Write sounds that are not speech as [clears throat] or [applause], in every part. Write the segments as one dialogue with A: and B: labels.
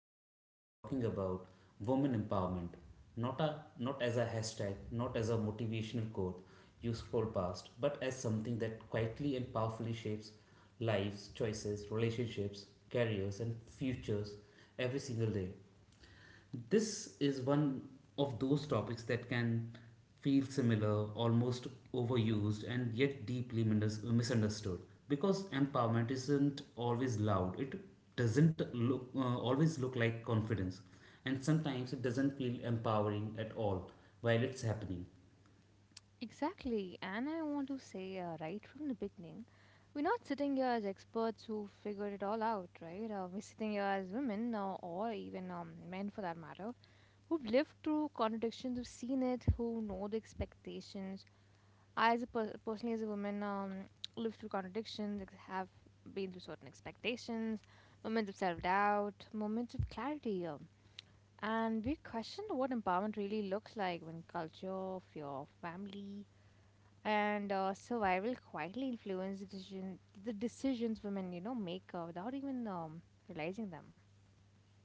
A: because we are talking about women empowerment, not as a hashtag, not as a motivational quote you scroll past, but as something that quietly and powerfully shapes lives, choices, relationships, careers, and futures every single day. This is one of those topics that can feel similar, almost overused, and yet deeply misunderstood because empowerment isn't always loud. It doesn't look always look like confidence, and sometimes it doesn't feel empowering at all while it's happening.
B: Exactly, and I want to say right from the beginning, we're not sitting here as experts who figured it all out, right? We're sitting here as women, or even men for that matter, who've lived through contradictions, who've seen it, who know the expectations. I, as a personally as a woman, lived through contradictions, have been through certain expectations, moments of self-doubt, moments of clarity. And we questioned what empowerment really looks like when culture, fear, family, and survival quietly influences the decisions women make without even realizing them.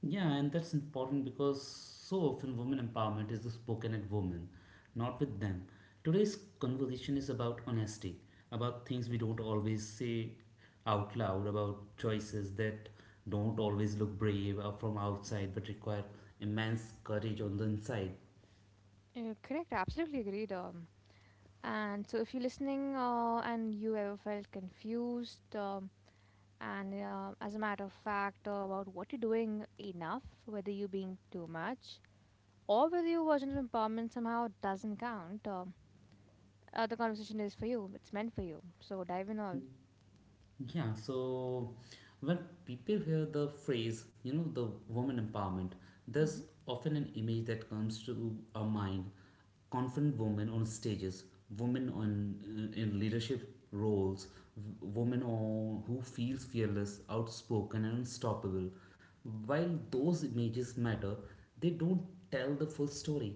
A: Yeah, and that's important because so often women empowerment is spoken at women, not with them. Today's conversation is about honesty, about things we don't always say out loud, about choices that don't always look brave or from outside but require immense courage on the inside.
B: Correct, absolutely agreed, and so if you're listening and you ever felt confused, and as a matter of fact, about what you're doing enough, whether you're being too much, or whether your version of empowerment somehow doesn't count, the conversation is for you, it's meant for you, so dive in all.
A: Yeah, so when people hear the phrase, the woman empowerment,
B: Hmm.
A: there's often an image that comes to our mind. Confident women on stages, women on in leadership roles, women on, who feels fearless, outspoken, and unstoppable. While those images matter, they don't tell the full story.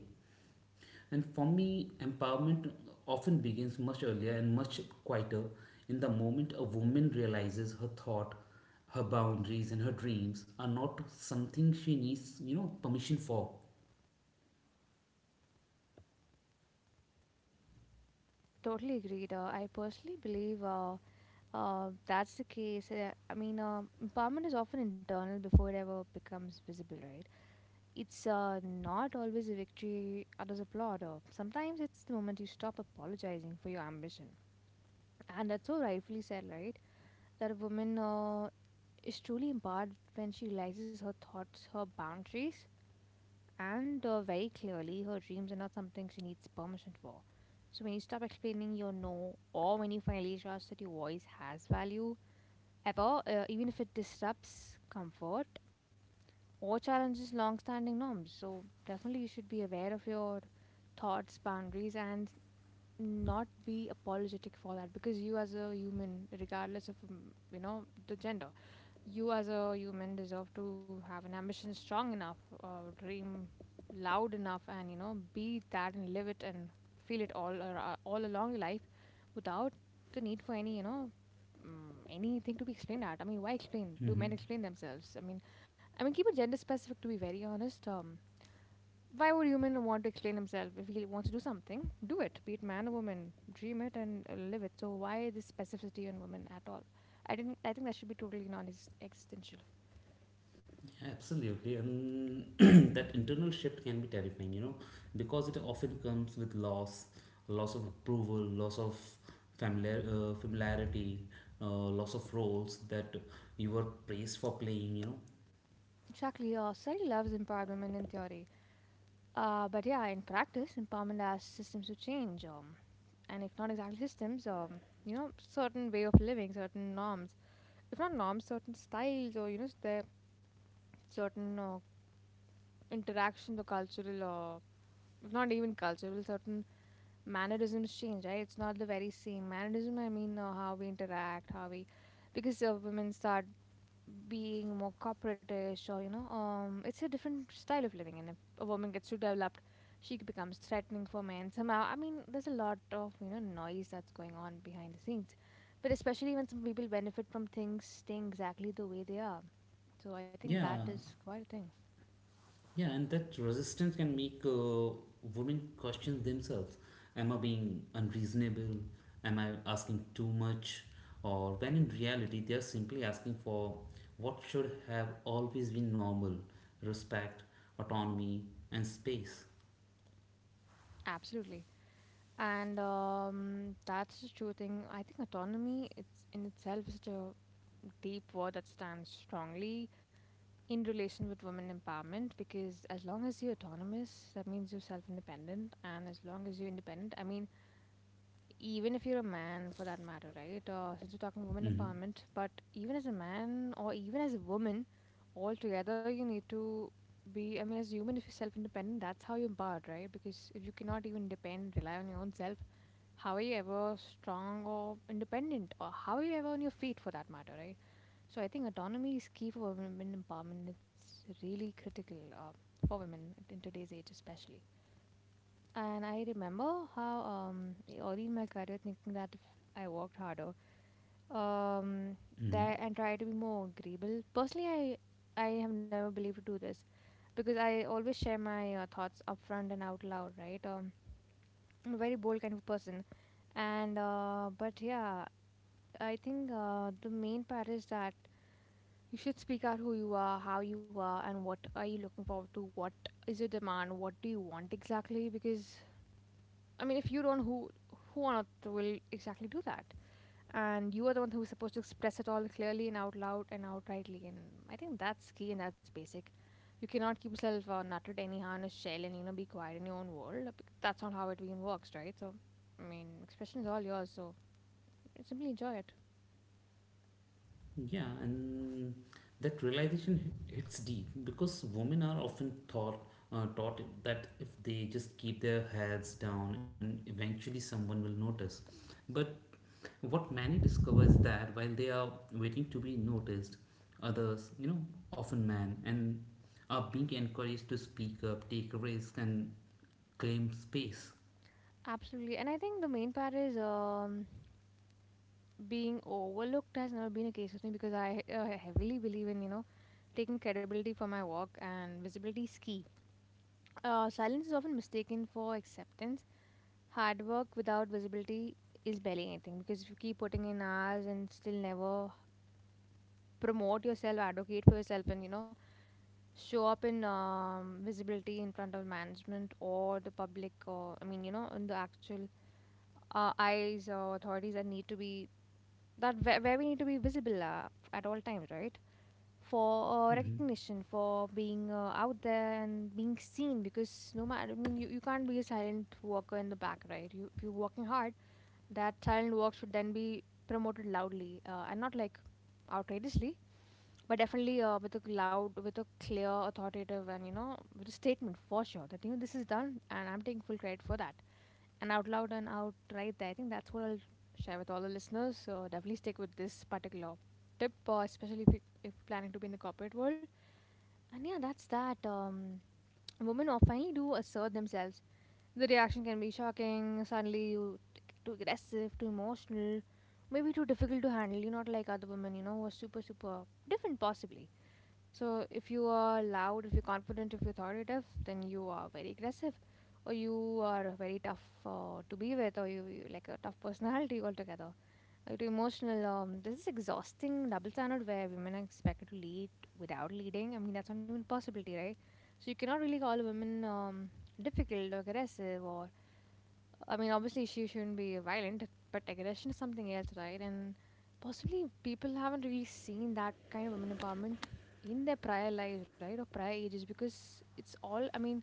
A: And for me, empowerment often begins much earlier and much quieter in the moment a woman realizes her thought, her boundaries, and her dreams are not something she needs, permission for.
B: Totally agreed. I personally believe that's the case. I mean, empowerment is often internal before it ever becomes visible, right? It's not always a victory others applaud. Or sometimes it's the moment you stop apologizing for your ambition. And that's so rightfully said, right? That a woman is truly empowered when she realizes her thoughts, her boundaries, and very clearly her dreams are not something she needs permission for. So when you stop explaining your no, or when you finally trust that your voice has value, ever, even if it disrupts comfort or challenges long standing norms. So, definitely, you should be aware of your thoughts, boundaries, and not be apologetic for that because you, as a human, regardless of, the gender, you, as a human, deserve to have an ambition strong enough, dream loud enough, and be that and live it and feel it all all along your life, without the need for any anything to be explained at. I mean, why explain?
A: Mhm.
B: Do men explain themselves? I mean, keep it gender specific to be very honest. Why would human want to explain himself if he wants to do something? Do it, be it man or woman. Dream it and live it. So why this specificity on women at all? I didn't. I think that should be totally non-existential.
A: Absolutely, and [clears throat] that internal shift can be terrifying, you know, because it often comes with loss, loss of approval, loss of familiarity, loss of roles that you were praised for playing, you know.
B: Exactly, Surrey loves empowerment in theory. But yeah, in practice, empowerment asks systems to change. And if not exactly systems, certain way of living, certain norms. If not norms, certain styles or, their certain interactions or cultural or, if not even cultural, certain mannerisms change, right? It's not the very same. Mannerism, I mean, how we interact, how we, because women start being more corporatish or it's a different style of living, and if a woman gets too developed she becomes threatening for men somehow. I mean, there's a lot of noise that's going on behind the scenes, but especially when some people benefit from things staying exactly the way they are. So I think
A: Yeah,
B: that is quite a thing.
A: Yeah, and that resistance can make women question themselves. Am I being unreasonable? Am I asking too much? Or when in reality, they are simply asking for what should have always been normal respect, autonomy, and space.
B: Absolutely. And that's the true thing. I think autonomy, it's in itself is such a deep word that stands strongly in relation with women empowerment, because as long as you're autonomous that means you're self-independent, and as long as you're independent, I mean, even if you're a man for that matter, right? Since we're talking women
A: Hmm.
B: empowerment, but even as a man or even as a woman altogether, you need to be. I mean, as a human, if you're self-independent, that's how you're empowered, right? Because if you cannot even depend, rely on your own self, how are you ever strong or independent, or how are you ever on your feet for that matter, right? So I think autonomy is key for women empowerment. It's really critical for women in today's age, especially. And I remember how early in my career thinking that if I worked harder, um,
A: Hmm.
B: that, and tried to be more agreeable. Personally, I have never believed to do this because I always share my thoughts upfront and out loud. Right, I'm a very bold kind of person, and but yeah, I think the main part is that you should speak out who you are, how you are, and what are you looking forward to. What is your demand? What do you want exactly? Because I mean, if you don't, who on earth will exactly do that? And you are the one who's supposed to express it all clearly and out loud and outrightly. And I think that's key and that's basic. You cannot keep yourself nutted anyhow in a shell and be quiet in your own world. That's not how it even works, right? So, I mean, expression is all yours. So simply enjoy it.
A: Yeah, and that realization hits deep because women are often thought taught that if they just keep their heads down and eventually someone will notice, but what many discover is that while they are waiting to be noticed, others, you know, often men, and are being encouraged to speak up, take a risk, and claim space.
B: Absolutely. And I think the main part is, being overlooked has never been a case with me because I heavily believe in, taking credibility for my work, and visibility is key. Silence is often mistaken for acceptance. Hard work without visibility is barely anything, because if you keep putting in hours and still never promote yourself, advocate for yourself, and, show up in visibility in front of management or the public, or, I mean, in the actual eyes or authorities that need to be, that where we need to be visible at all times, right? For
A: Hmm.
B: recognition, for being out there and being seen, because no matter, I mean, you can't be a silent walker in the back, right? You, if you're working hard, that silent walk should then be promoted loudly, and not like outrageously, but definitely with a loud, with a clear authoritative, and with a statement, for sure that this is done and I'm taking full credit for that, and out loud and outright there. I think that's what I'll share with all the listeners. So definitely stick with this particular tip, especially if, if you're planning to be in the corporate world. And yeah, that's that. Women are finally do assert themselves. The reaction can be shocking. Suddenly you too aggressive, too emotional, maybe too difficult to handle. You're not like other women, who are super, super different possibly. So, if you are loud, if you're confident, if you're authoritative, then you are very aggressive, or you are very tough to be with, or you like a tough personality altogether. Or you're too emotional. This is exhausting double standard where women are expected to lead without leading. I mean, that's not even a possibility, right? So you cannot really call women difficult or aggressive, or I mean, obviously, she shouldn't be violent, but aggression is something else, right? And possibly people haven't really seen that kind of women empowerment in their prior lives, right? Or prior ages, because it's all, I mean,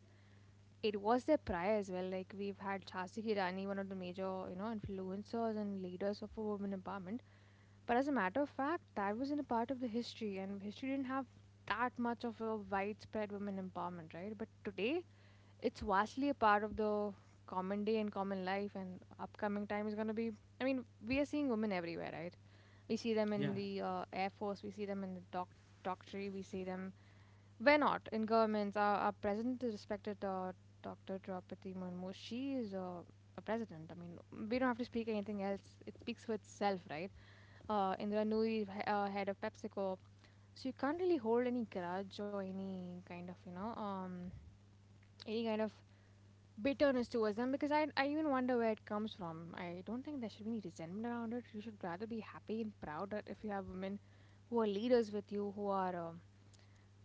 B: it was their prior as well. Like, we've had Chasi Rani, one of the major, influencers and leaders of women empowerment. But as a matter of fact, that wasn't a part of the history, and history didn't have that much of a widespread women empowerment, right? But today, it's vastly a part of the common day and common life, and upcoming time is going to be, I mean, we are seeing women everywhere, right? We see them in
A: Yeah,
B: the air force, we see them in the doctorate, we see them where not, in governments. Our president is respected, Dr. Draupadi Murmu. She is a president. I mean, we don't have to speak anything else, it speaks for itself, right? Indra Nooyi, head of PepsiCo. So you can't really hold any grudge or any kind of any kind of bitterness towards them, because I even wonder where it comes from. I don't think there should be any resentment around it. You should rather be happy and proud that if you have women who are leaders with you,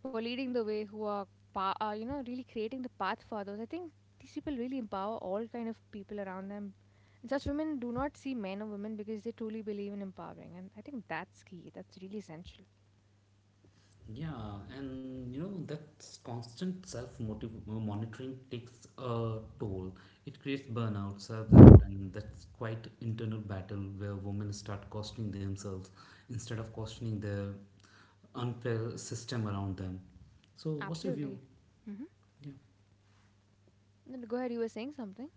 B: who are leading the way, who are really creating the path for those. I think these people really empower all kind of people around them. And such women do not see men or women because they truly believe in empowering, and I think that's key. That's really essential.
A: yeah, and you know that constant self motive monitoring takes a toll. It creates burnout, self doubt, and that's quite internal battle where women start questioning themselves instead of questioning the unfair system around them. So, what's your view?
B: Absolutely. Mm-hmm.
A: Yeah.
B: Go ahead. You were saying something.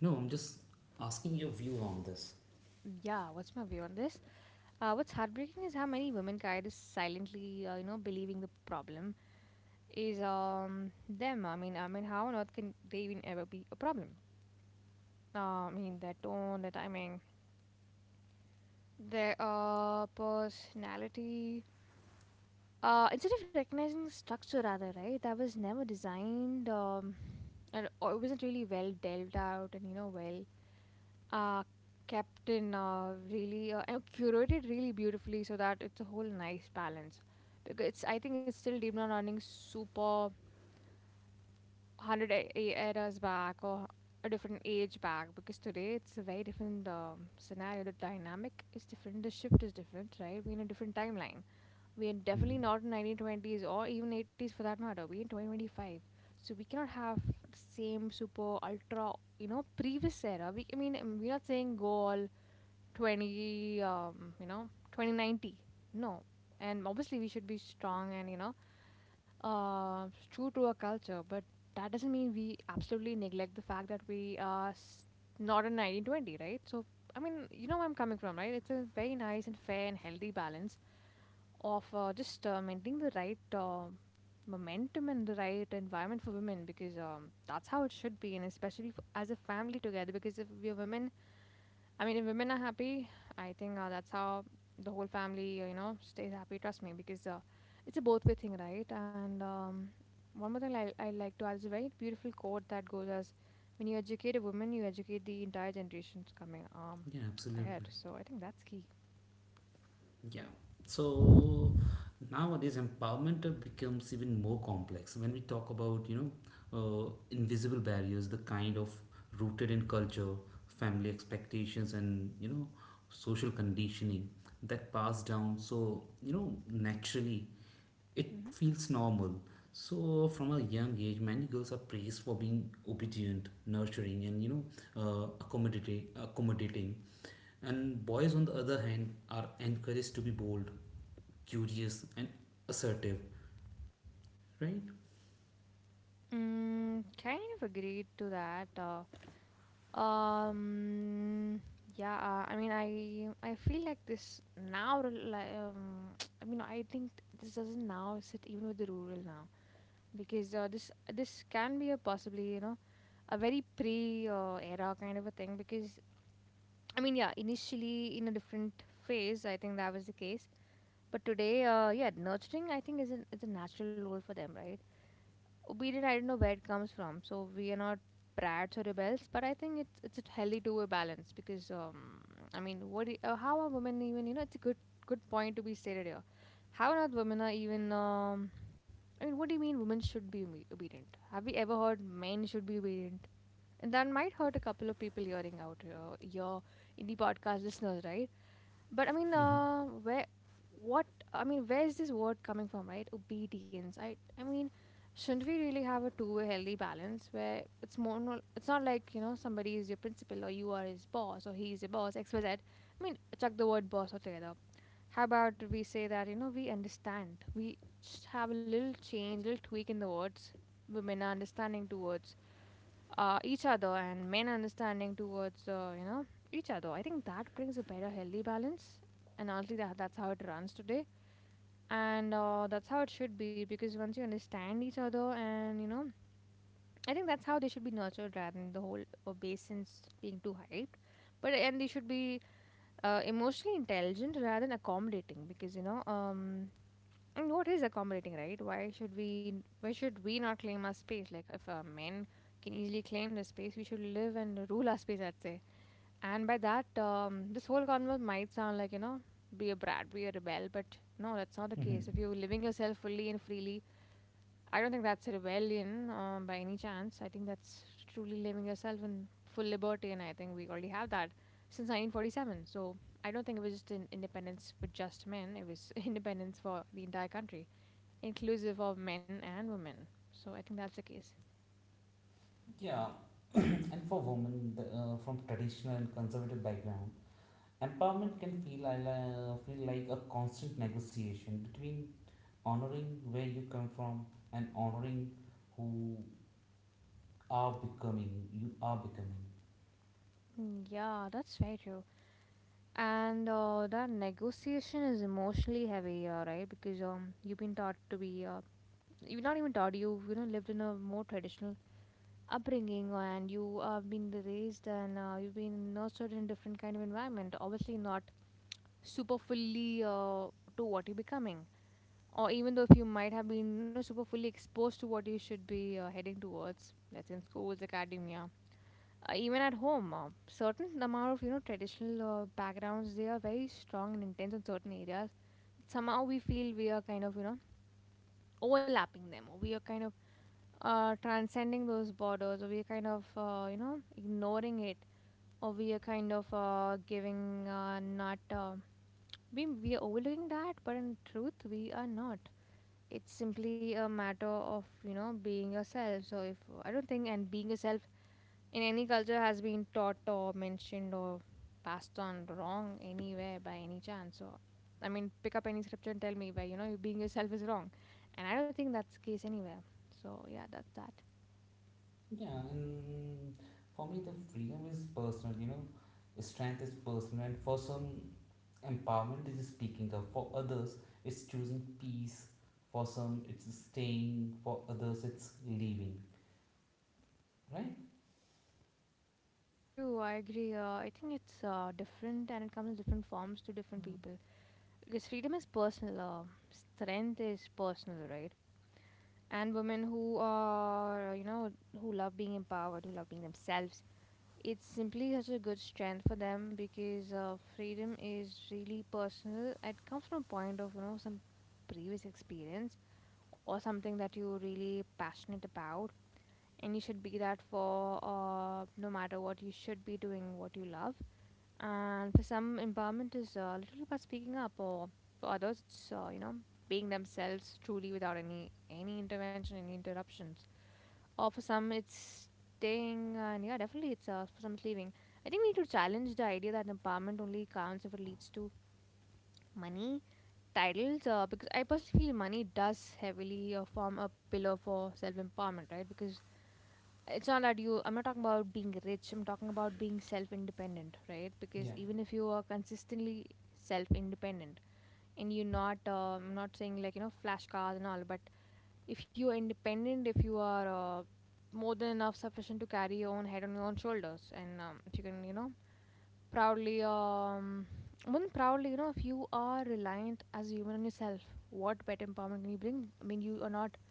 A: No, I'm just asking your view on this.
B: Yeah. What's my view on this? What's heartbreaking is how many women carry this silently, believing the problem is them. I mean, how on earth can they even ever be a problem? I mean, their tone, their timing, their personality. Instead of recognizing the structure, rather, right, that was never designed. And or it wasn't really well delved out, and you know, well uh kept in really and curated really beautifully so that it's a whole nice balance because it's I think it's still deep down running super 100 eras back or a different age back, because today it's a very different scenario. The dynamic is different, the shift is different, right? We're in a different timeline. We're
A: Hmm.
B: definitely not in 1920s or even 80s for that matter, we're in 2025. So we cannot have the same super ultra, you know, previous era. We I mean We're not saying go all 20, you know, 2090. No. And obviously we should be strong and you know, true to our culture, but that doesn't mean we absolutely neglect the fact that not in 1920, right? So I mean, you know where I'm coming from, right? It's a very nice and fair and healthy balance of just maintaining the right momentum and the right environment for women, because that's how it should be. And especially f as a family together, because if we are women, I mean, if women are happy, I think that's how the whole family, you know, stays happy. Trust me, because it's a both way thing, right? And one more thing I like to add is a very beautiful quote that goes as, "When you educate a woman, you educate the entire generations coming
A: Yeah, absolutely.
B: ahead." So I think that's key.
A: Yeah. So nowadays, empowerment becomes even more complex when we talk about, you know, uh, invisible barriers, the kind of rooted in culture, family expectations, and, you know, social conditioning that pass down so, you know, naturally it feels normal. So, from a young age, many girls are praised for being obedient, nurturing, and accommodating, and boys, on the other hand, are encouraged to be bold, curious, and assertive. Right?
B: Mm, kind of agreed to that. Um, yeah, I mean, I feel like now. rel- Like, um, [tsk] I mean, I think this doesn't now sit even with the rural now, because this can be a possibly, you know, a very pre era kind of a thing. Because I mean, yeah, initially in a different phase, I think that was the case. But today, yeah, nurturing I think is is a natural role for them, right? Obedient, I don't know where it comes from. So we are not brats or rebels, but I think it's a healthy to a balance. Because how are women even, you know, it's a good point to be stated here. How not women are even I mean, what do you mean women should be obedient? Have we ever heard men should be obedient? And that might hurt a couple of people hearing out your indie podcast listeners, right? but I mean,
A: Hmm.
B: uh, where, what, I mean, where is this word coming from, right? Obedience. I mean, shouldn't we really have a two-way healthy balance where it's more, it's not like, you know, somebody is your principal or you are his boss or he is your boss, X, Y, Z. I mean, chuck the word boss altogether. How about we say that, you know, we understand, we just have a little change, little tweak in the words. Women are understanding towards each other and main understanding towards you know, each other. I think that brings a better healthy balance. And honestly, that's how it runs today. And that's how it should be, because once you understand each other and you know, I think that's how they should be nurtured, rather than the whole basins being too hyped. But and they should be emotionally intelligent rather than accommodating, because you know and what is accommodating, right? Why should we not claim our space? Like if men can easily claim the space, we should live and rule our space, I'd say. And by that, this whole convo might sound like, you know, be a brat, be a rebel, but no, that's not the
A: Hmm.
B: case. If you're living yourself fully and freely, I don't think that's a rebellion by any chance. I think that's truly living yourself in full liberty, and I think we already have that since 1947. So I don't think it was just an independence for just men; it was [laughs] independence for the entire country, inclusive of men and women. So I think that's the case.
A: Yeah, [coughs] [clears throat] and for women from traditional and conservative background, empowerment can feel like, feel like a constant negotiation between honoring where you come from and honoring who are becoming you are becoming.
B: Mm, yeah, that's very true. And that negotiation is emotionally heavy, right? Because you've been taught to be, you've not even taught, you know, lived in a more traditional upbringing, and you have been raised and you've been nurtured in different kind of environment. Obviously, not super fully to what you're becoming, or even though if you might have been, you know, super fully exposed to what you should be heading towards, let's say in schools, academia, even at home, certain amount of, you know, traditional backgrounds, they are very strong and intense in certain areas. Somehow we feel we are kind of, you know, overlapping them, or we are kind of transcending those borders, or we are kind of you know, ignoring it, or we are kind of giving not we are overlooking that, but in truth we are not. It's simply a matter of, you know, being yourself. So if I don't think and Being yourself in any culture has been taught or mentioned or passed on wrong anywhere by any chance. So, I mean, pick up any scripture and tell me where, you know, you being yourself is wrong, and I don't think that's the case anywhere. So yeah, that's that.
A: Yeah and for me, the freedom is personal, you know, strength is personal, and for some empowerment is speaking up for others, it's choosing peace, for some it's staying, for others it's leaving, right?
B: True, I agree. I think it's different and it comes in different forms to different people. Because freedom is personal, strength is personal, right? And women who are, you know, who love being empowered, who love being themselves, it's simply such a good strength for them, because freedom is really personal. It comes from a point of, you know, some previous experience or something that you're really passionate about, and you should be that for no matter what. You should be doing what you love. And for some, empowerment is literally about speaking up, or for others it's you know, being themselves truly without any intervention, any interruptions, or for some it's staying, and yeah, definitely it's for some it's leaving. I think we need to challenge the idea that empowerment only counts if it leads to money, titles, because I personally feel money does heavily form a pillar for self empowerment, right? Because it's not that I'm not talking about being rich, I'm talking about being self independent, right? Because
A: Yeah.
B: even if you are consistently self independent and you're not, I'm not saying, like, you know, flash cars and all, but if you are independent, if you are uh, more than enough sufficient to carry your own head on your own shoulders, and if you can, you know, proudly one proudly, you know, if you are reliant as a human on yourself, what better empowerment can you bring? I mean, you are not,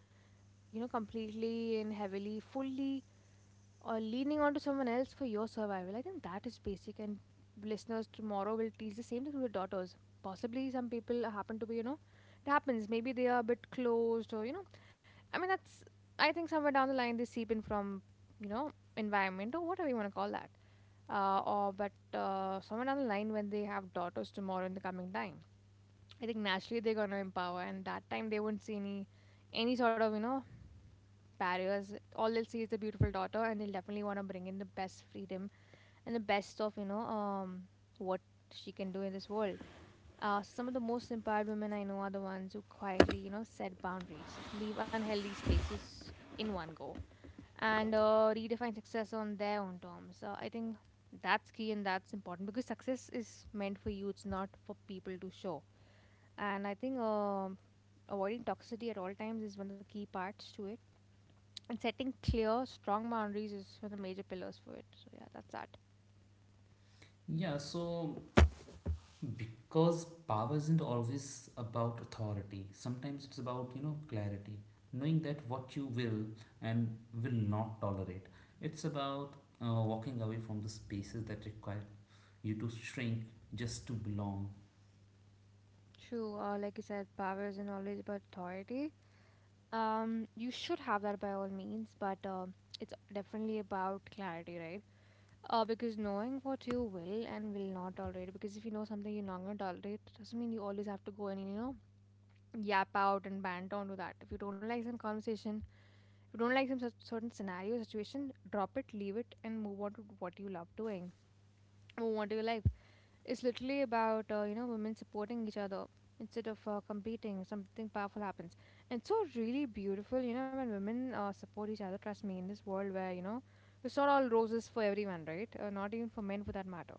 B: you know, completely and heavily fully or leaning onto someone else for your survival. I think that is basic. And listeners tomorrow will teach the same thing to their daughters. Possibly some people happen to be, you know, it happens, maybe they are a bit closed, or you know, I mean, I think somewhere down the line they seep in from, you know, environment or whatever you want to call that. Or, but Somewhere down the line when they have daughters tomorrow in the coming time, I think naturally they're going to empower, and that time they won't see any sort of, you know, barriers. All they'll see is the beautiful daughter, and they'll definitely want to bring in the best freedom and the best of, you know, what she can do in this world. So some of the most empowered women I know are the ones who quietly, you know, set boundaries, leave unhealthy spaces in one go and redefine success on their own terms. I think that's key and that's important, because success is meant for you, it's not for people to show. And I think avoiding toxicity at all times is one of the key parts to it. And setting clear, strong boundaries is one of the major pillars for it. So, yeah, that's that.
A: Yeah, so because power isn't always about authority, sometimes it's about, you know, clarity, knowing that what you will and will not tolerate. It's about walking away from the spaces that require you to shrink just to belong.
B: True. Like you said, power isn't always about authority. You should have that by all means, but it's definitely about clarity, right? Because knowing what you will and will not tolerate, because if you know something you're not gonna tolerate, it doesn't mean you always have to go and yap out and bant on to that. If you don't like some conversation, if you don't like some certain scenario, situation, drop it, leave it, and move on to what you love doing. Move on to your life. It's literally about you know women supporting each other instead of competing. Something powerful happens, and it's so really beautiful. You know when women support each other. Trust me, in this world where you know it's not all roses for everyone, right? Not even for men for that matter,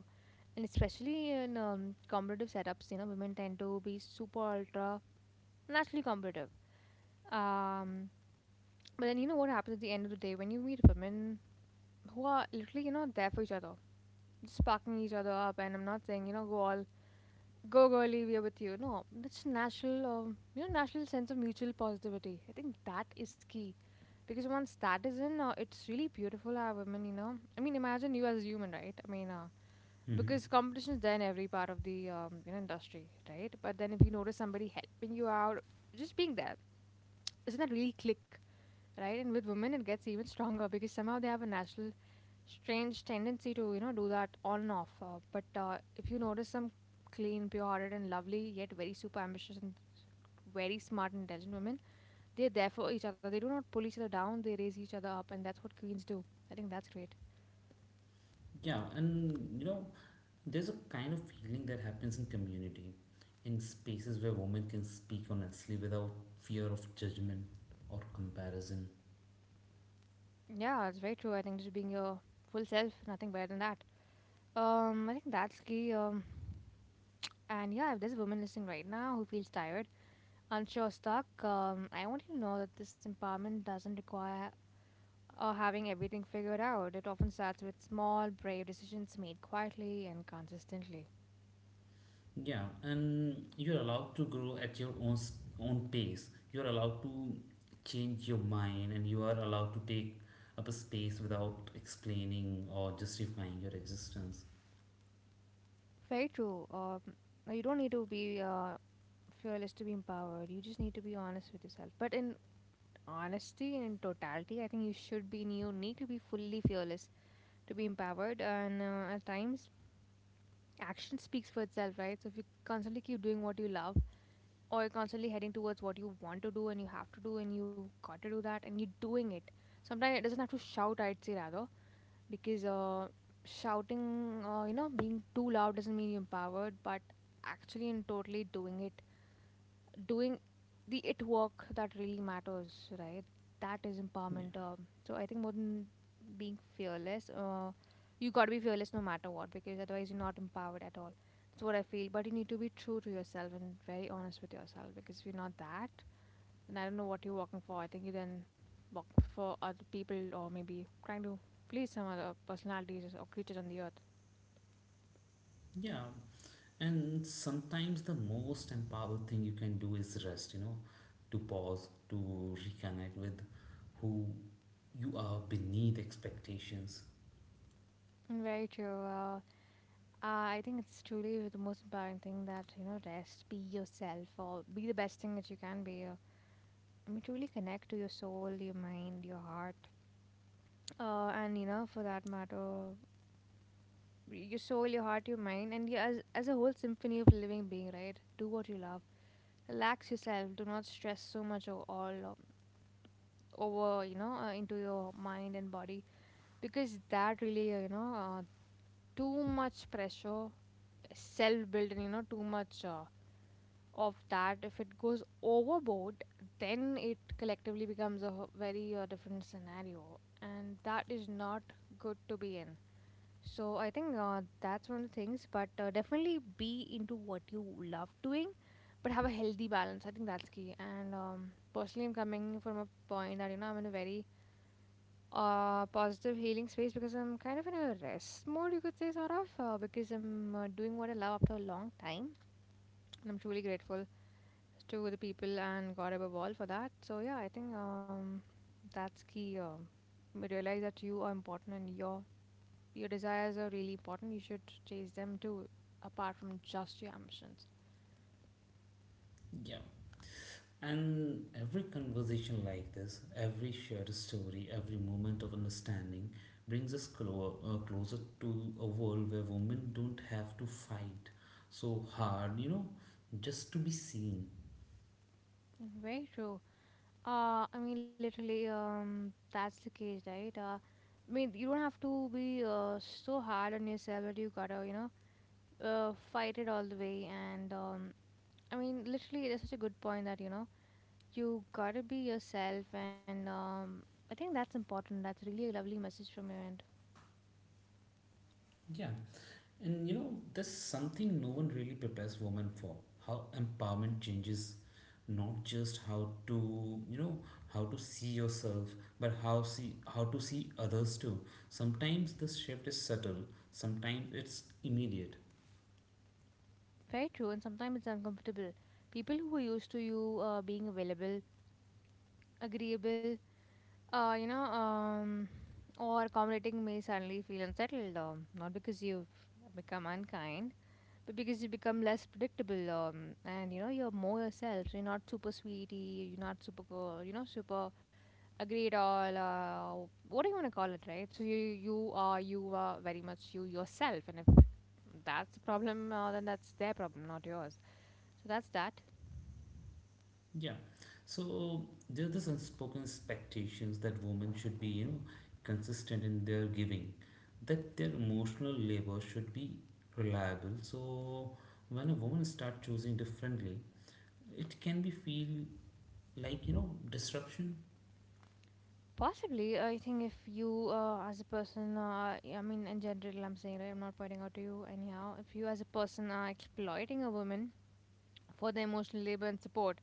B: and especially in competitive setups you know women tend to be super ultra naturally competitive. um, but then you know what happens at the end of the day when you meet women who are literally you know there for each other, just sparking each other up. And I'm not saying you know go all go girly we are with you, no that's natural. You know, natural sense of mutual positivity, I think that is key, because once that is in, it's really beautiful how women you know I mean imagine you as a human, right? I mean because
A: Hmm.
B: competition is there in every part of the you know industry, right? But then if you notice somebody helping you out, just being there, isn't that really click, right? And with women, it gets even stronger because somehow they have a natural, strange tendency to you know do that on and off. But if you notice some clean, pure-hearted, and lovely, yet very super ambitious and very smart and intelligent women, they're there for each other. They do not pull each other down; they raise each other up, and that's what queens do. I think that's great.
A: Yeah, and you know there's a kind of feeling that happens in community, in spaces where women can speak honestly without fear of judgment or comparison.
B: Yeah, it's very true. I think just being your full self, nothing better than that. I think that's key. And yeah, if there's a woman listening right now who feels tired, unsure, stuck, I want you to know that this empowerment doesn't require having everything figured out. It often starts with small, brave decisions made quietly and consistently.
A: Yeah, and you're allowed to grow at your own pace. You're allowed to change your mind, and you are allowed to take up a space without explaining or justifying your existence.
B: Very true. No, you don't need to be fearless to be empowered. You just need to be honest with yourself. But in honesty and in totality, I think you should be. You need to be fully fearless to be empowered. And at times action speaks for itself, right? So if you constantly keep doing what you love or you're constantly heading towards what you want to do and you have to do and you got to do that and you're doing it. Sometimes it doesn't have to shout, I'd say rather, because shouting, you know, being too loud doesn't mean you're empowered, but actually and totally doing it, doing the it work that really matters, right? That is
A: Yeah,
B: empowerment. So I think more than being fearless, you got to be fearless no matter what because otherwise you're not empowered at all. That's what I feel. But you need to be true to yourself and very honest with yourself because if you're not that, then I don't know what you're working for. I think you then work for other people or maybe trying to please some other personalities or creatures on the earth.
A: yeah, and sometimes the most empowered thing you can do is rest. You know, to pause, to reconnect with who you are beneath expectations.
B: Mm, very true. I think it's truly the most important thing that, you know, rest, be yourself, or be the best thing that you can be. I mean, truly connect to your soul, your mind, your heart. And, you know, for that matter, your soul, your heart, your mind, and yeah, as a whole symphony of living being, right? Do what you love. Relax yourself. Do not stress so much all over, you know, into your mind and body. Because that really, you know, too much pressure, self built, and, you know, too much. Of that, if it goes overboard then it collectively becomes a very different scenario and that is not good to be in. So I think that's one of the things, but definitely be into what you love doing, but have a healthy balance. I think that's key. And personally, I'm coming from a point that you know I'm in a very positive healing space because I'm kind of in a rest mode, you could say, sort of because I'm doing what I love after a long time and I'm truly grateful to the people and God above all for that. So yeah, I think that's key. We realize that you are important and your desires are really important. You should chase them too, apart from just your ambitions.
A: Yeah, and every conversation like this, every shared story, every moment of understanding brings us closer to a world where women don't have to fight so hard, you know, just to be seen.
B: Very true. I mean, literally, that's the case, right? I mean, you don't have to be so hard on yourself that you gotta, you know, fight it all the way. And I mean, literally, that's such a good point that you know you gotta be yourself, and I think that's important. That's really a lovely message from your end.
A: Yeah, and you know, there's something no one really prepares women for: how empowerment changes not just how to, you know, how to see yourself, but how to see others too. Sometimes this shift is subtle, sometimes it's immediate.
B: Very true, and sometimes it's uncomfortable. People who are used to you being available, agreeable, you know, or accommodating may suddenly feel unsettled. Not because you've become unkind, but because you become less predictable. And you know, you're more yourself. So you're not super sweetie. You're not super, girl, you know, super agreed all, what do you want to call it, right? So you are, you are very much you yourself. And if that's a problem then that's their problem, not yours. So that's that.
A: Yeah. So there are these unspoken expectations that women should be, you know, consistent in their giving, that their emotional labor should be reliable. So when a woman starts choosing differently, it can be feel like, you know, disruption.
B: Possibly. Uh, I think if you as a person, I mean in general, I'm saying, right, I'm not pointing out to you anyhow. If you as a person are exploiting a woman for their emotional labor and support,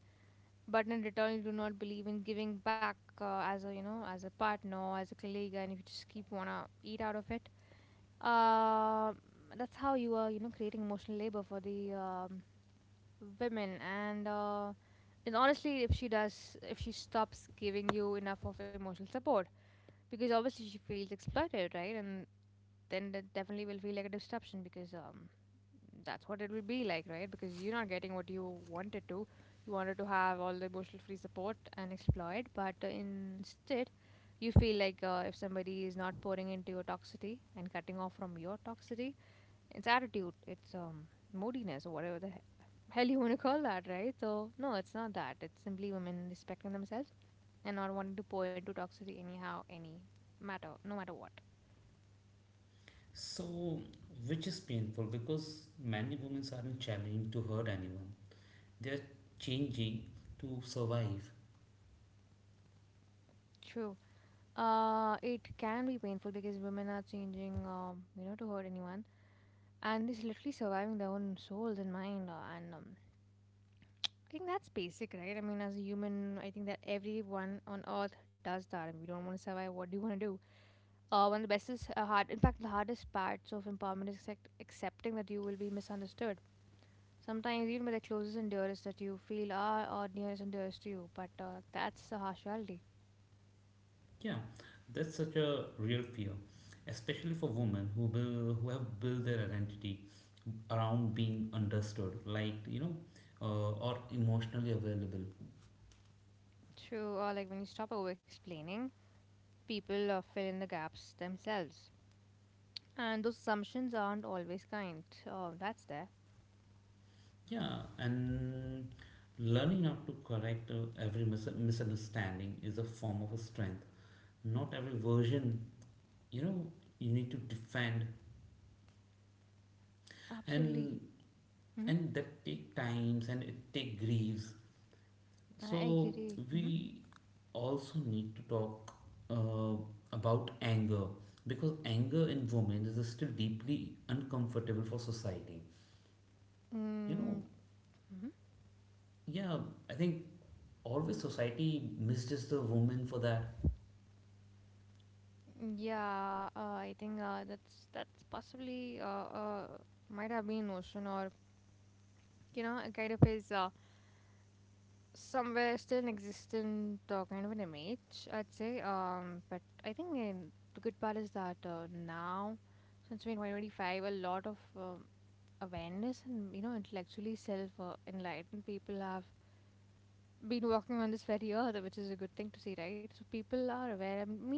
B: but in return you do not believe in giving back as a you know as a partner, as a colleague, and if you just keep wanna eat out of it, Um that's how you are, you know, creating emotional labor for the women. And honestly, if she does, if she stops giving you enough of emotional support, because obviously she feels exploited, right? And then that definitely will feel like a disruption because that's what it will be like, right? Because you're not getting what you wanted to. You wanted to have all the emotional free support and exploit, but instead, you feel like if somebody is not pouring into your toxicity and cutting off from your toxicity it's attitude, it's moodiness or whatever the hell you want to call that, right? So no, it's not that, it's simply women respecting themselves and not wanting to pour into toxicity anyhow, any matter, no matter what.
A: So which is painful because many women aren't challenging to hurt anyone, they're changing to survive.
B: True. It can be painful because women are changing you know to hurt anyone and is literally surviving their own souls and mind. And I think that's basic, right? I mean, as a human, I think that everyone on earth does that. And we don't want to survive, what do you want to do? One of the best is hard. In fact, the hardest parts of empowerment is accepting that you will be misunderstood. Sometimes even by the closest and dearest that you feel are, or nearest and dearest to you. But that's the harsh reality.
A: Yeah, that's such a real fear, especially for women who have built their identity around being understood, like, you know, or emotionally available.
B: True. Or like when you stop over explaining, people fill in the gaps themselves. And those assumptions aren't always kind. Oh, that's there.
A: Yeah, and learning how to correct every misunderstanding is a form of a strength, not every version, you know, you need to defend.
B: Absolutely.
A: and
B: Hmm.
A: and that take times and it take griefs. So
B: I agree. Hmm.
A: we also need to talk uh, about anger, because anger in women is still deeply uncomfortable for society, you
B: Mm.
A: know.
B: Hmm.
A: Yeah, I think always society misjudges the woman for that.
B: Yeah, I think that's possibly might have been an notion or you know, it kind of is somewhere still an existent kind of an image, I'd say. But I think in, the good part is that now, since we're in 2025, a lot of awareness and, you know, intellectually self enlightened people have been working on this very earth, which is a good thing to see, right? So people are aware. I mean,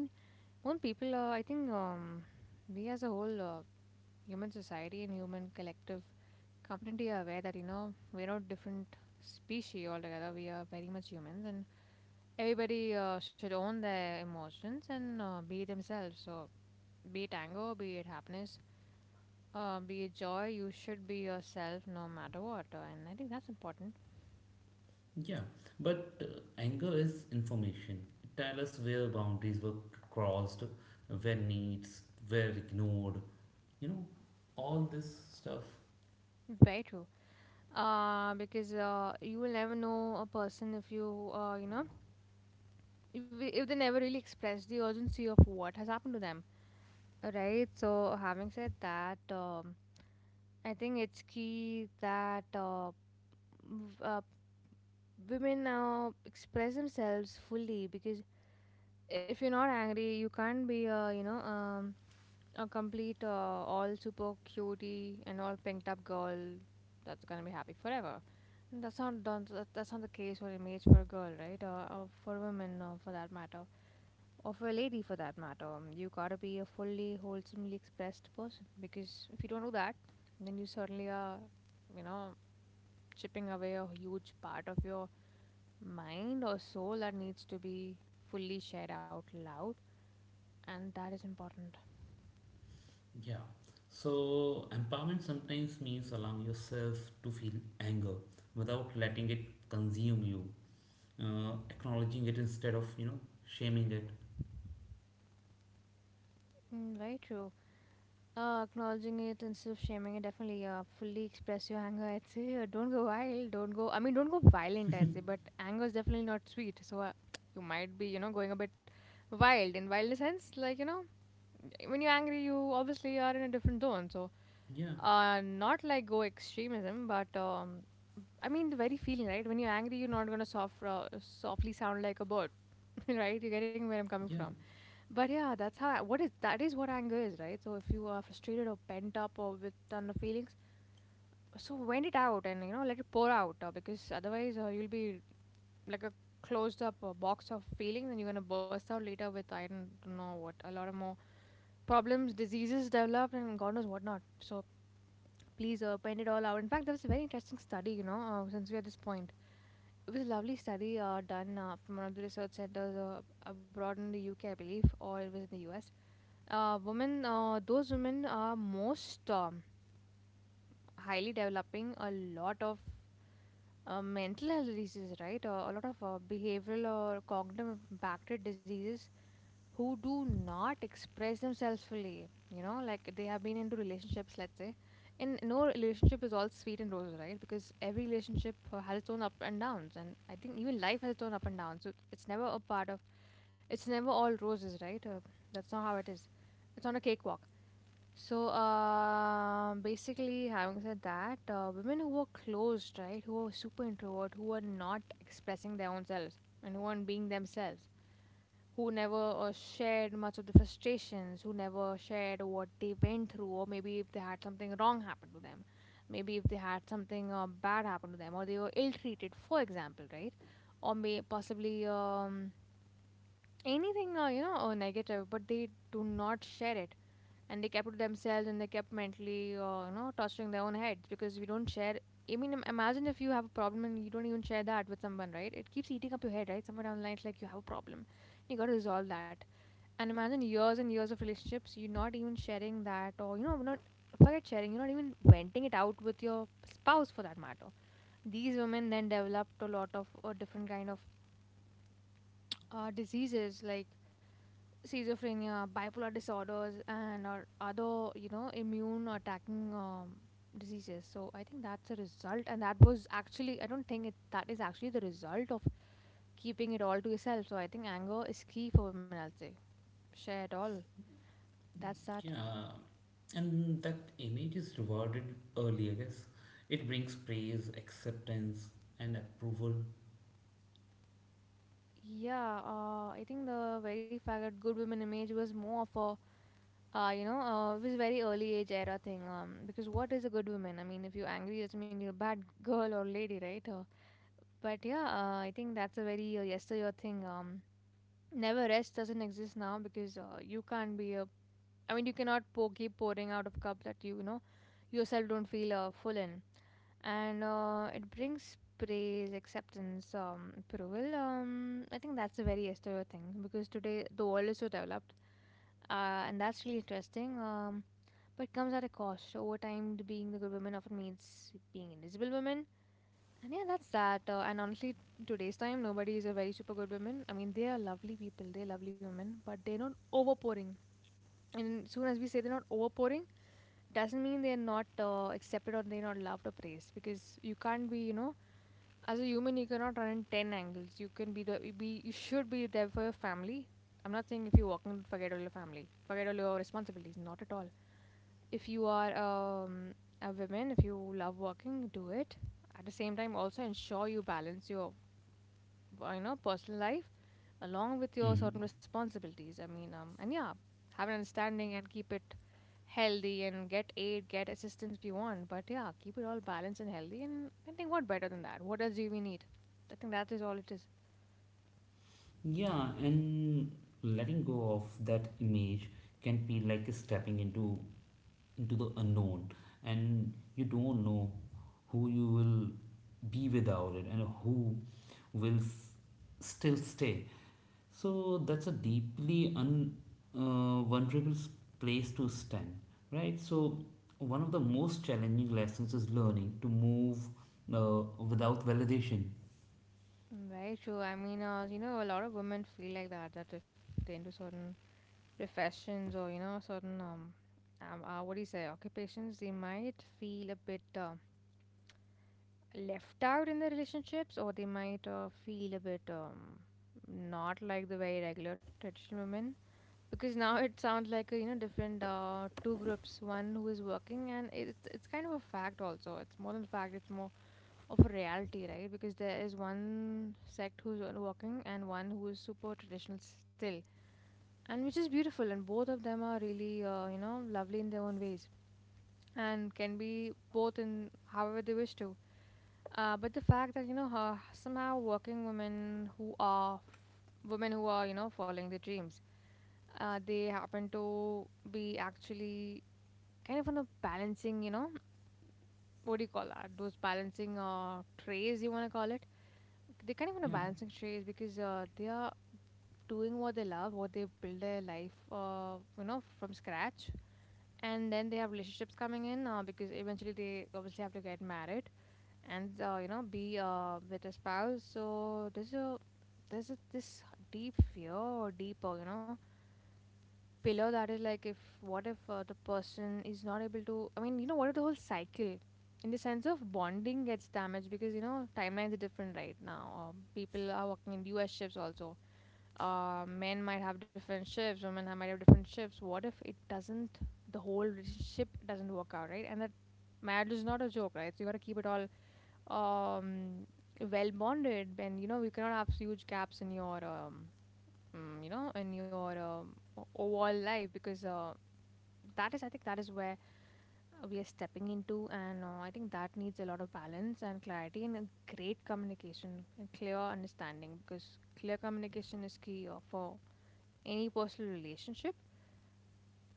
B: more people, I think we as a whole, human society and human collective community are aware that you know we're not different species altogether, we are very much humans and everybody should own their emotions and be themselves. So be it anger, be it happiness, be it joy, you should be yourself no matter what, and I think that's important.
A: Yeah, but anger is information. It tells us where boundaries were crossed, where needs were ignored, you know, all this stuff.
B: Very true. Because You will never know a person if you you know if they never really express the urgency of what has happened to them. Right. So, having said that, I think it's key that w- uh, women express themselves fully because if you're not angry, you can't be a you know a complete all super cutie and all pinked up girl that's gonna be happy forever. That's not done. That's not the case or image for a girl, right? Or for women, for that matter. Or for a lady for that matter. You gotta be a fully wholesomely expressed person, because if you don't do that, then you certainly are you know chipping away a huge part of your mind or soul that needs to be fully shared out loud, and that is important.
A: Yeah. So, empowerment sometimes means allowing yourself to feel anger without letting it consume you, acknowledging it instead of, you know, shaming it.
B: Very true. Acknowledging it instead of shaming it, definitely. Fully express your anger, I'd say. Don't go wild, don't go, I mean, don't go violent, I'd say, but anger is definitely not sweet. So, [tsk] you might be, you know, going a bit wild, in wild sense, like, you know, when you're angry, you obviously are in a different zone. So,
A: Yeah,
B: not like go extremism, but I mean the very feeling, right? When you're angry, you're not gonna soft, softly sound like a bird, [laughs] right? You're getting where I'm coming
A: yeah.
B: from. But yeah, that's how. What is that is what anger is, right? So if you are frustrated or pent up or with ton of feelings, so vent it out and, you know, let it pour out. Because otherwise you'll be like a closed up box of feelings, and you're going to burst out later with I don't know what, a lot of more problems, diseases developed, and god knows what not. So please, paint it all out. In fact, there was a very interesting study, you know. Since we're at this point, it was a lovely study done from one of the research centers abroad, in the UK I believe, or it was in the US. Women, those women are most highly developing a lot of mental health diseases, right? A lot of behavioral or cognitive impacted diseases, who do not express themselves fully. You know, like they have been into relationships, let's say. And no relationship is all sweet and roses, right? Because every relationship has its own up and downs. And I think even life has its own up and downs. So it's never a part of, it's never all roses, right? That's not how it is. It's not a cakewalk. So, basically, having said that, women who are closed, right, who are super introvert, who are not expressing their own selves and who aren't being themselves, who never shared much of the frustrations, who never shared what they went through, or maybe if they had something wrong happen to them, maybe if they had something bad happen to them, or they were ill treated, for example, right, or may possibly anything, you know, or negative, but they do not share it, and they kept it to themselves, and they kept mentally you know torturing their own heads. Because we don't share, I mean, imagine if you have a problem and you don't even share that with someone, right? It keeps eating up your head, right? Somewhere down the line, it's like you have a problem and you got to resolve that. And imagine years and years of relationships, you're not even sharing that, or, you know, not forget sharing, you're not even venting it out with your spouse, for that matter. These women then developed a lot of different kind of diseases like schizophrenia, bipolar disorders, and or other, you know, immune attacking diseases. So I think that's a result, and that was actually, I don't think it that is actually the result of keeping it all to yourself. So I think anger is key for women. I'll say share it all. That's that.
A: Yeah, and that image is rewarded early, I guess. It brings praise, acceptance, and approval.
B: Yeah, I think the very fact that good women image was more of a it was very early age era thing. Because what is a good woman? I mean, if you're angry, doesn't mean you're a bad [laughs] girl or lady, right? But yeah, I think that's a very yesteryear thing. Never rest doesn't exist now, because you can't be a. I mean, you cannot pour, keep pouring out of cup that you know, yourself don't feel full in, and it brings praise, acceptance, approval. I think that's a very yesteryear thing, because today the world is so developed, and that's really interesting. But comes at a cost. Over time, the being the good woman often means being invisible women. And yeah, that's that. And honestly, today's time, nobody is a very super good woman. I mean, they are lovely people. They're lovely women, but they're not overpouring. And soon as we say they're not overpouring, doesn't mean they're not accepted or they're not loved or praised. Because you can't be, you know, as a human, you cannot run in ten angles. You can be the you be you should be there for your family. I'm not saying if you're working, forget all your family, forget all your responsibilities. Not at all. If you are a woman, if you love working, do it. At the same time, also ensure you balance your you know personal life along with your
A: Mhm.
B: certain responsibilities, I mean, and yeah, have an understanding and keep it healthy. And get aid, get assistance if you want, but yeah, keep it all balanced and healthy. And I think what better than that? What else do we need? I think that is all it is.
A: Yeah, and letting go of that image can feel like stepping into the unknown, and you don't know who you will be without it, and who will still stay. So that's a deeply un vulnerable place to stand, right? So one of the most challenging lessons is learning to move without validation.
B: Very true. I mean, you know, a lot of women feel like that, that if they into certain professions, or, you know, certain what do you say, occupations, they might feel a bit left out in the relationships, or they might feel a bit not like the very regular traditional women, because now it sounds like a, you know, different two groups, one who is working, and it's kind of a fact also. It's more than a fact, it's more of a reality, right? Because there is one sect who's on working and one who is super traditional still, and which is beautiful, and both of them are really, you know, lovely in their own ways, and can be both in however they wish to. But the fact that, you know, somehow working women who are women who are, you know, following their dreams, they happen to be actually kind of on a balancing, you know, what do you call that, those balancing trays, you want to call it. They kind of on a
A: Yeah.
B: balancing trays, because they are doing what they love, what they build their life you know from scratch, and then they have relationships coming in. Because eventually they obviously have to get married, and you know be with a spouse. So this deep fear or deep you know pillar that is like, if what if the person is not able to, I mean, you know, what if the whole cycle in the sense of bonding gets damaged, because, you know, timelines are different right now. People are working in US shifts also. Men might have different shifts, women might have different shifts. What if it doesn't, the whole relationship doesn't work out, right? And that marriage is not a joke, right? So you got to keep it all um well bonded. Then you know you cannot have huge gaps in your you know in your overall life, because that is, I think that is where we are stepping into. And I think that needs a lot of balance and clarity and a great communication and clear understanding, because clear communication is key for any personal relationship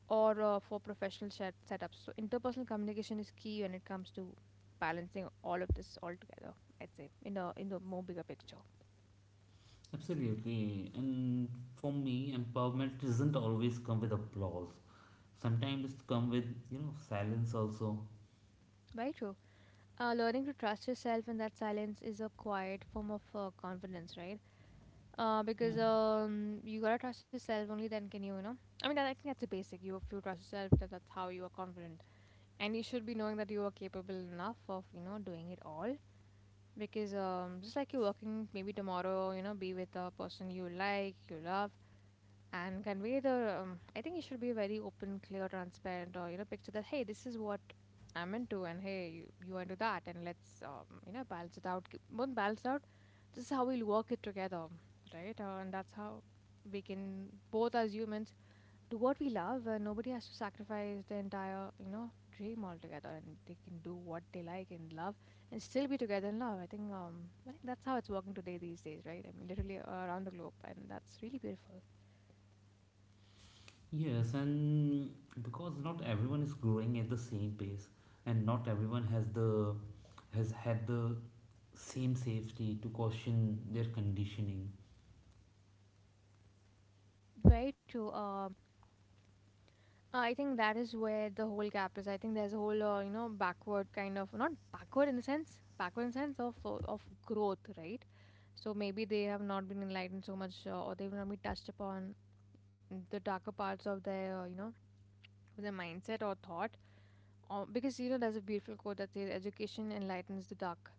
B: or for professional setups. So interpersonal communication is key when it comes to balancing all of this all together, I'd say, in the more bigger picture.
A: Absolutely. And for me, empowerment doesn't always come with applause. Sometimes it comes with, you know, silence also.
B: Very true. Learning to trust yourself in that silence is a quiet form of confidence, right?
A: Yeah.
B: Because you gotta trust yourself. Only then can you, you know. I mean, I think that's a basic. You, if you trust yourself, that's how you are confident, and you should be knowing that you are capable enough of, you know, doing it all. Because just like you're working, maybe tomorrow, be with a person you like, you love, and convey the I think you should be very open, clear, transparent, or picture that, hey, this is what I'm into, and hey, you are into that, and let's balance it out. Won't balance it out, this is how we'll work it together, right? And that's how we can both, as humans, do what we love, and nobody has to sacrifice the entire, dream altogether, and they can do what they like and love, and still be together in love. I think that's how it's working today, these days, right? I mean, literally, around the globe, and that's really beautiful.
A: Yes, and because not everyone is growing at the same pace and not everyone has had the same safety to caution their conditioning.
B: Very true. I think that is where the whole gap is. I think there's a whole, backward kind of, not backward in the sense, backward in the sense of of growth, right? So maybe they have not been enlightened so much, or they've not been touched upon the darker parts of their, of their mindset or thought. Or because you know, there's a beautiful quote that says, "Education enlightens the dark."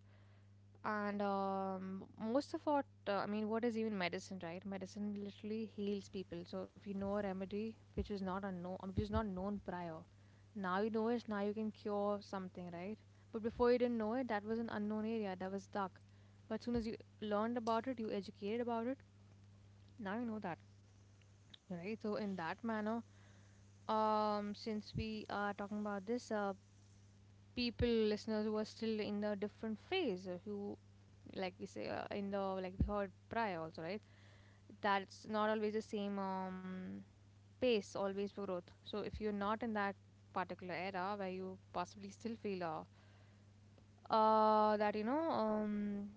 B: And most of what, I mean, what is even medicine? Right, medicine literally heals people. So if you know a remedy which is not unknown, which is not known prior, now you know it, now you can cure something, right? But before you didn't know it, that was an unknown area, that was dark. But soon as you learned about it, you educated about it, now you know that, right? So in that manner, since we are talking about this, people, listeners who are still in a different phase, who, like we say, in the, like we heard prior also, right? That's not always the same, pace, always for growth. So if you're not in that particular era where you possibly still feel, that you know,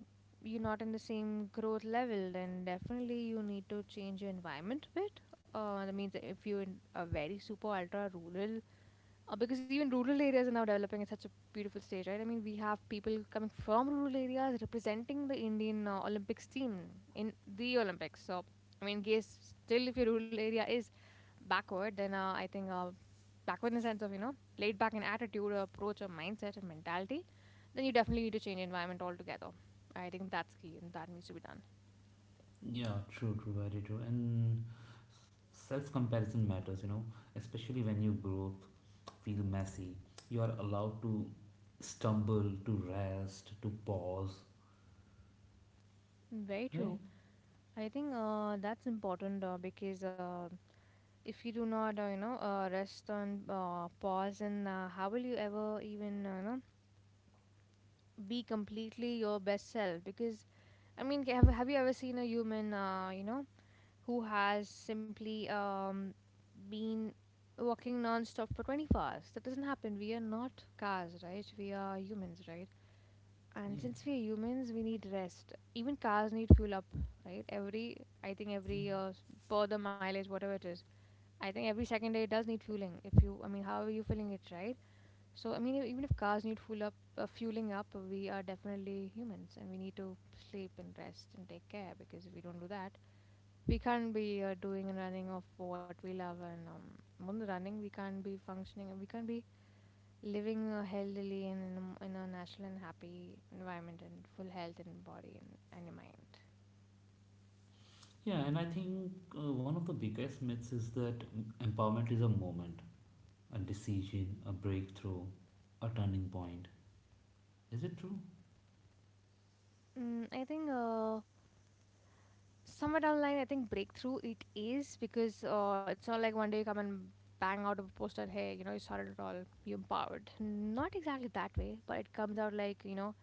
B: you're not in the same growth level, then definitely you need to change your environment a bit. That means that if you're in a very super ultra rural, because even rural areas are now developing at such a beautiful stage, right? I mean, we have people coming from rural areas representing the Indian Olympics team in the Olympics. So, I mean, guess still if your rural area is backward, then I think, backward in the sense of laid back in attitude, or approach, or mindset and mentality, then you definitely need to change environment altogether. I think that's key and that needs to be done.
A: Yeah, very true. And self comparison matters, you know, especially when you grow up. Feel messy. You are allowed to stumble, to rest, to pause,
B: Very true.
A: right?
B: I think that's important, because if you do not, rest on, pause, and how will you ever even, be completely your best self? Because I mean, have you ever seen a human, who has simply been walking non-stop for 24 hours? That doesn't happen, we are not cars, right? We are humans, right? And
A: Yeah,
B: since we are humans, we need rest, even cars need fuel up, right? every i think
A: yeah.
B: every per the mileage, whatever it is. I think every second day it does need fueling. If you, I mean, how are you filling it, right? So, I mean, even if cars need fuel up, fueling up, we are definitely humans, and we need to sleep and rest and take care, because if we don't do that, we can't be doing and running of what we love, and more than running, we can't be functioning, and we can't be living healthily and in a, in a natural and happy environment, and full health and body, and your mind.
A: Yeah, and I think one of the biggest myths is that empowerment is a moment, a decision, a breakthrough, a turning point. Is it true?
B: Mm, I think. Somewhere down the line, I think breakthrough it is, because it's not like one day you come and bang out of a poster, hey, you know, you sorted it all, you empowered. Not exactly that way, but it comes out like, you know,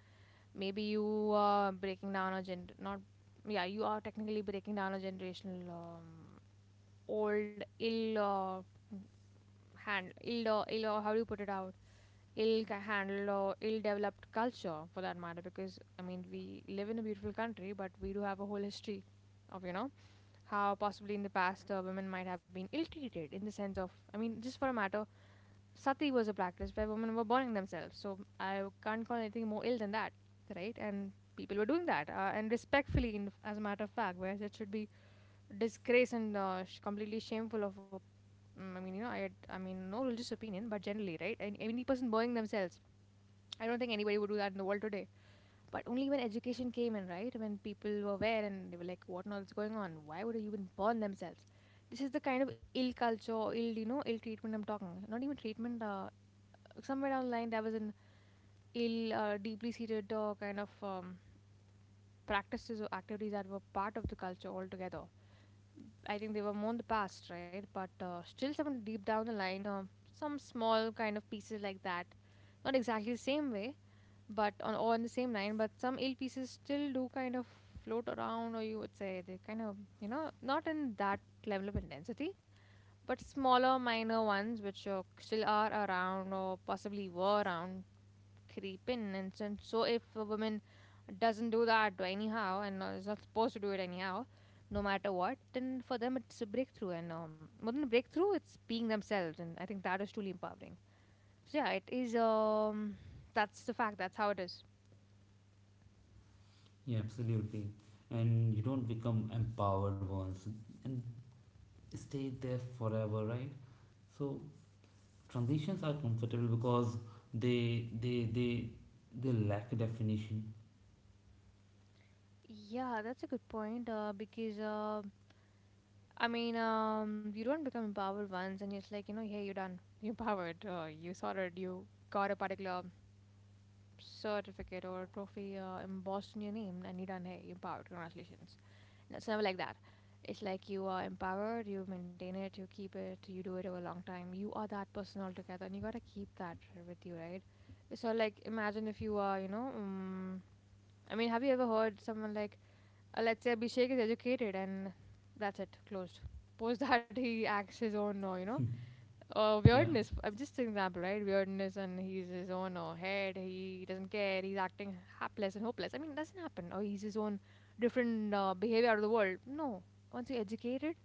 B: maybe you are breaking down not, yeah, you are technically breaking down a generational, old ill, hand ill, how do you put it out, ill handled or ill developed culture for that matter, because I mean, we live in a beautiful country, but we do have a whole history of, you know, how possibly in the past, women might have been ill-treated in the sense of, I mean, just for a matter, Sati was a practice where women were burning themselves, so I can't call anything more ill than that, right? And people were doing that, and respectfully, in, as a matter of fact, whereas it should be disgrace and completely shameful of a, mm, I mean, you know, I mean, no religious opinion, but generally, right? And any person burning themselves, I don't think anybody would do that in the world today. But only when education came in, right? When people were aware and they were like, what on earth is going on? Why would a human burn themselves? This is the kind of ill culture, ill, you know, ill treatment I'm talking. Not even treatment. Somewhere down the line, there was an ill, deeply seated kind of practices or activities that were part of the culture altogether. I think they were more in the past, right? But still, some deep down the line, some small kind of pieces like that, not exactly the same way, but on the same line, but some ill pieces still do kind of float around, or you would say they kind of, you know, not in that level of intensity, but smaller minor ones which still are around or possibly were around, creep in. And so if a woman doesn't do that anyhow, and is not supposed to do it anyhow, no matter what, then for them it's a breakthrough. And more than a breakthrough, it's being themselves, and I think that is truly empowering. So yeah, it is, that's the fact, that's how it is.
A: Yeah, absolutely. And you don't become empowered once and stay there forever, right? So transitions are comfortable because they they they they lack definition.
B: Yeah, that's a good point. Because I mean, you don't become empowered once, and it's like, you know, hey, you're done. [laughs] You're empowered. You sorted. You got a particular certificate or trophy embossed in your name, and you're done. Hey, you're empowered. Congratulations. And it's never like that. It's like you are empowered. You maintain it. You keep it. You do it over a long time. You are that person altogether, and you gotta keep that with you, right? So like, imagine if you are, you know, I mean, have you ever heard someone like? Let's say Abhishek is educated, and that's it, closed. Post that, he acts his own,
A: Yeah.
B: weirdness. I'm just an example, right? Weirdness, and he's his own head. He doesn't care. He's acting hapless and hopeless. I mean, it doesn't happen. Or he's his own different behavior out of the world. No. Once you're educated,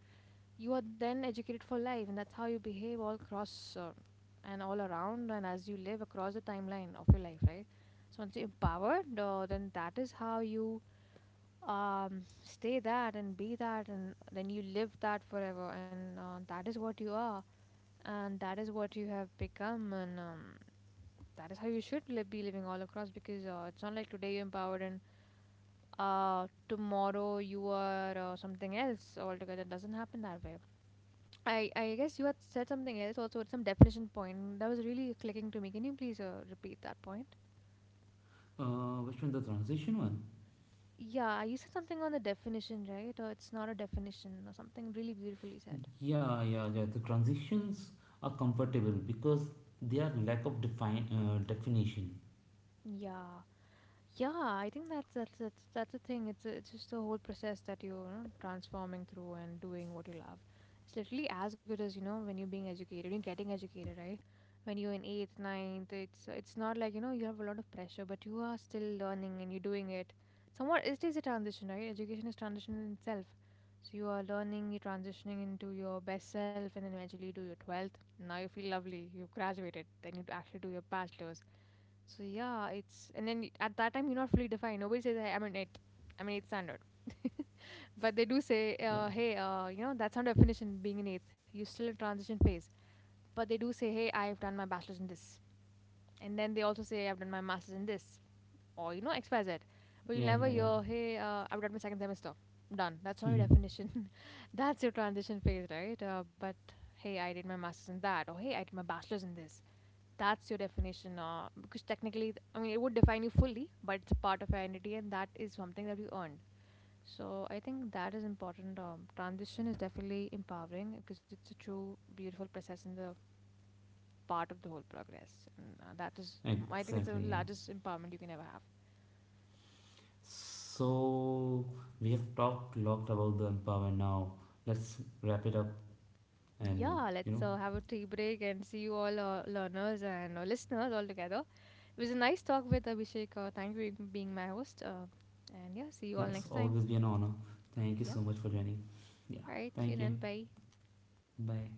B: you are then educated for life, and that's how you behave all across, and all around, and as you live across the timeline of your life, right? So once you're empowered, then that is how you stay that and be that, and then you live that forever, and that is what you are, and that is what you have become, and that is how you should be living all across. Because it's not like today you're empowered and tomorrow you are something else altogether. It doesn't happen that way. I guess you had said something else also at some definition point that was really clicking to me. Can you please repeat that point?
A: Which one? The transition one?
B: Yeah, you said something on the definition, right? Or it's not a definition or something really beautifully said.
A: Yeah. The transitions are comfortable because they are lack of define definition.
B: Yeah. Yeah, I think that's the thing. It's just the whole process that you know, transforming through and doing what you love. It's literally as good as, you know, when you're being educated, when you're getting educated, right? When you're in eighth, ninth, it's not like, you know, you have a lot of pressure, but you are still learning and you're doing it. Somewhat it is a transition, right? Education is transition in itself. So you are learning, you're transitioning into your best self, and then eventually you do your 12th. Now you feel lovely, you've graduated. Then you actually do your bachelor's. So yeah, it's and then y- at that time you're not fully defined. Nobody says, "Hey, I'm an eight. I'm an eighth standard." [laughs] But they do say,
A: Yeah,
B: hey, that's not definition, being an eighth. You're still in transition phase. But they do say, hey, I've done my bachelor's in this. And then they also say, I've done my master's in this. Or, you know, XYZ. But you'll
A: yeah,
B: never
A: yeah,
B: hear, hey, I've done my second semester. Done. That's not
A: yeah.
B: your definition. [laughs] That's your transition phase, right? But hey, I did my master's in that. Or hey, I did my bachelor's in this. That's your definition, because technically, I mean, it would define you fully, but it's a part of your identity, and that is something that you earned. So I think that is important. Transition is definitely empowering, because it's a true beautiful process and the part of the whole progress, and that is
A: [laughs]
B: the, I think it's
A: Exactly.
B: the
A: Yeah.
B: largest empowerment you can ever have.
A: So we have talked lot about the empower now. Let's wrap it up, and
B: Yeah,
A: you
B: let's
A: know,
B: have a tea break and see you all, learners, and listeners, all together. It was a nice talk with Abhishek. Thank you for being my host. And yeah, see you all
A: yes,
B: next time.
A: always be an honor. Thank you
B: Yeah,
A: so much for joining. Yeah,
B: all right, see you
A: thank you.
B: then. Bye.
A: Bye.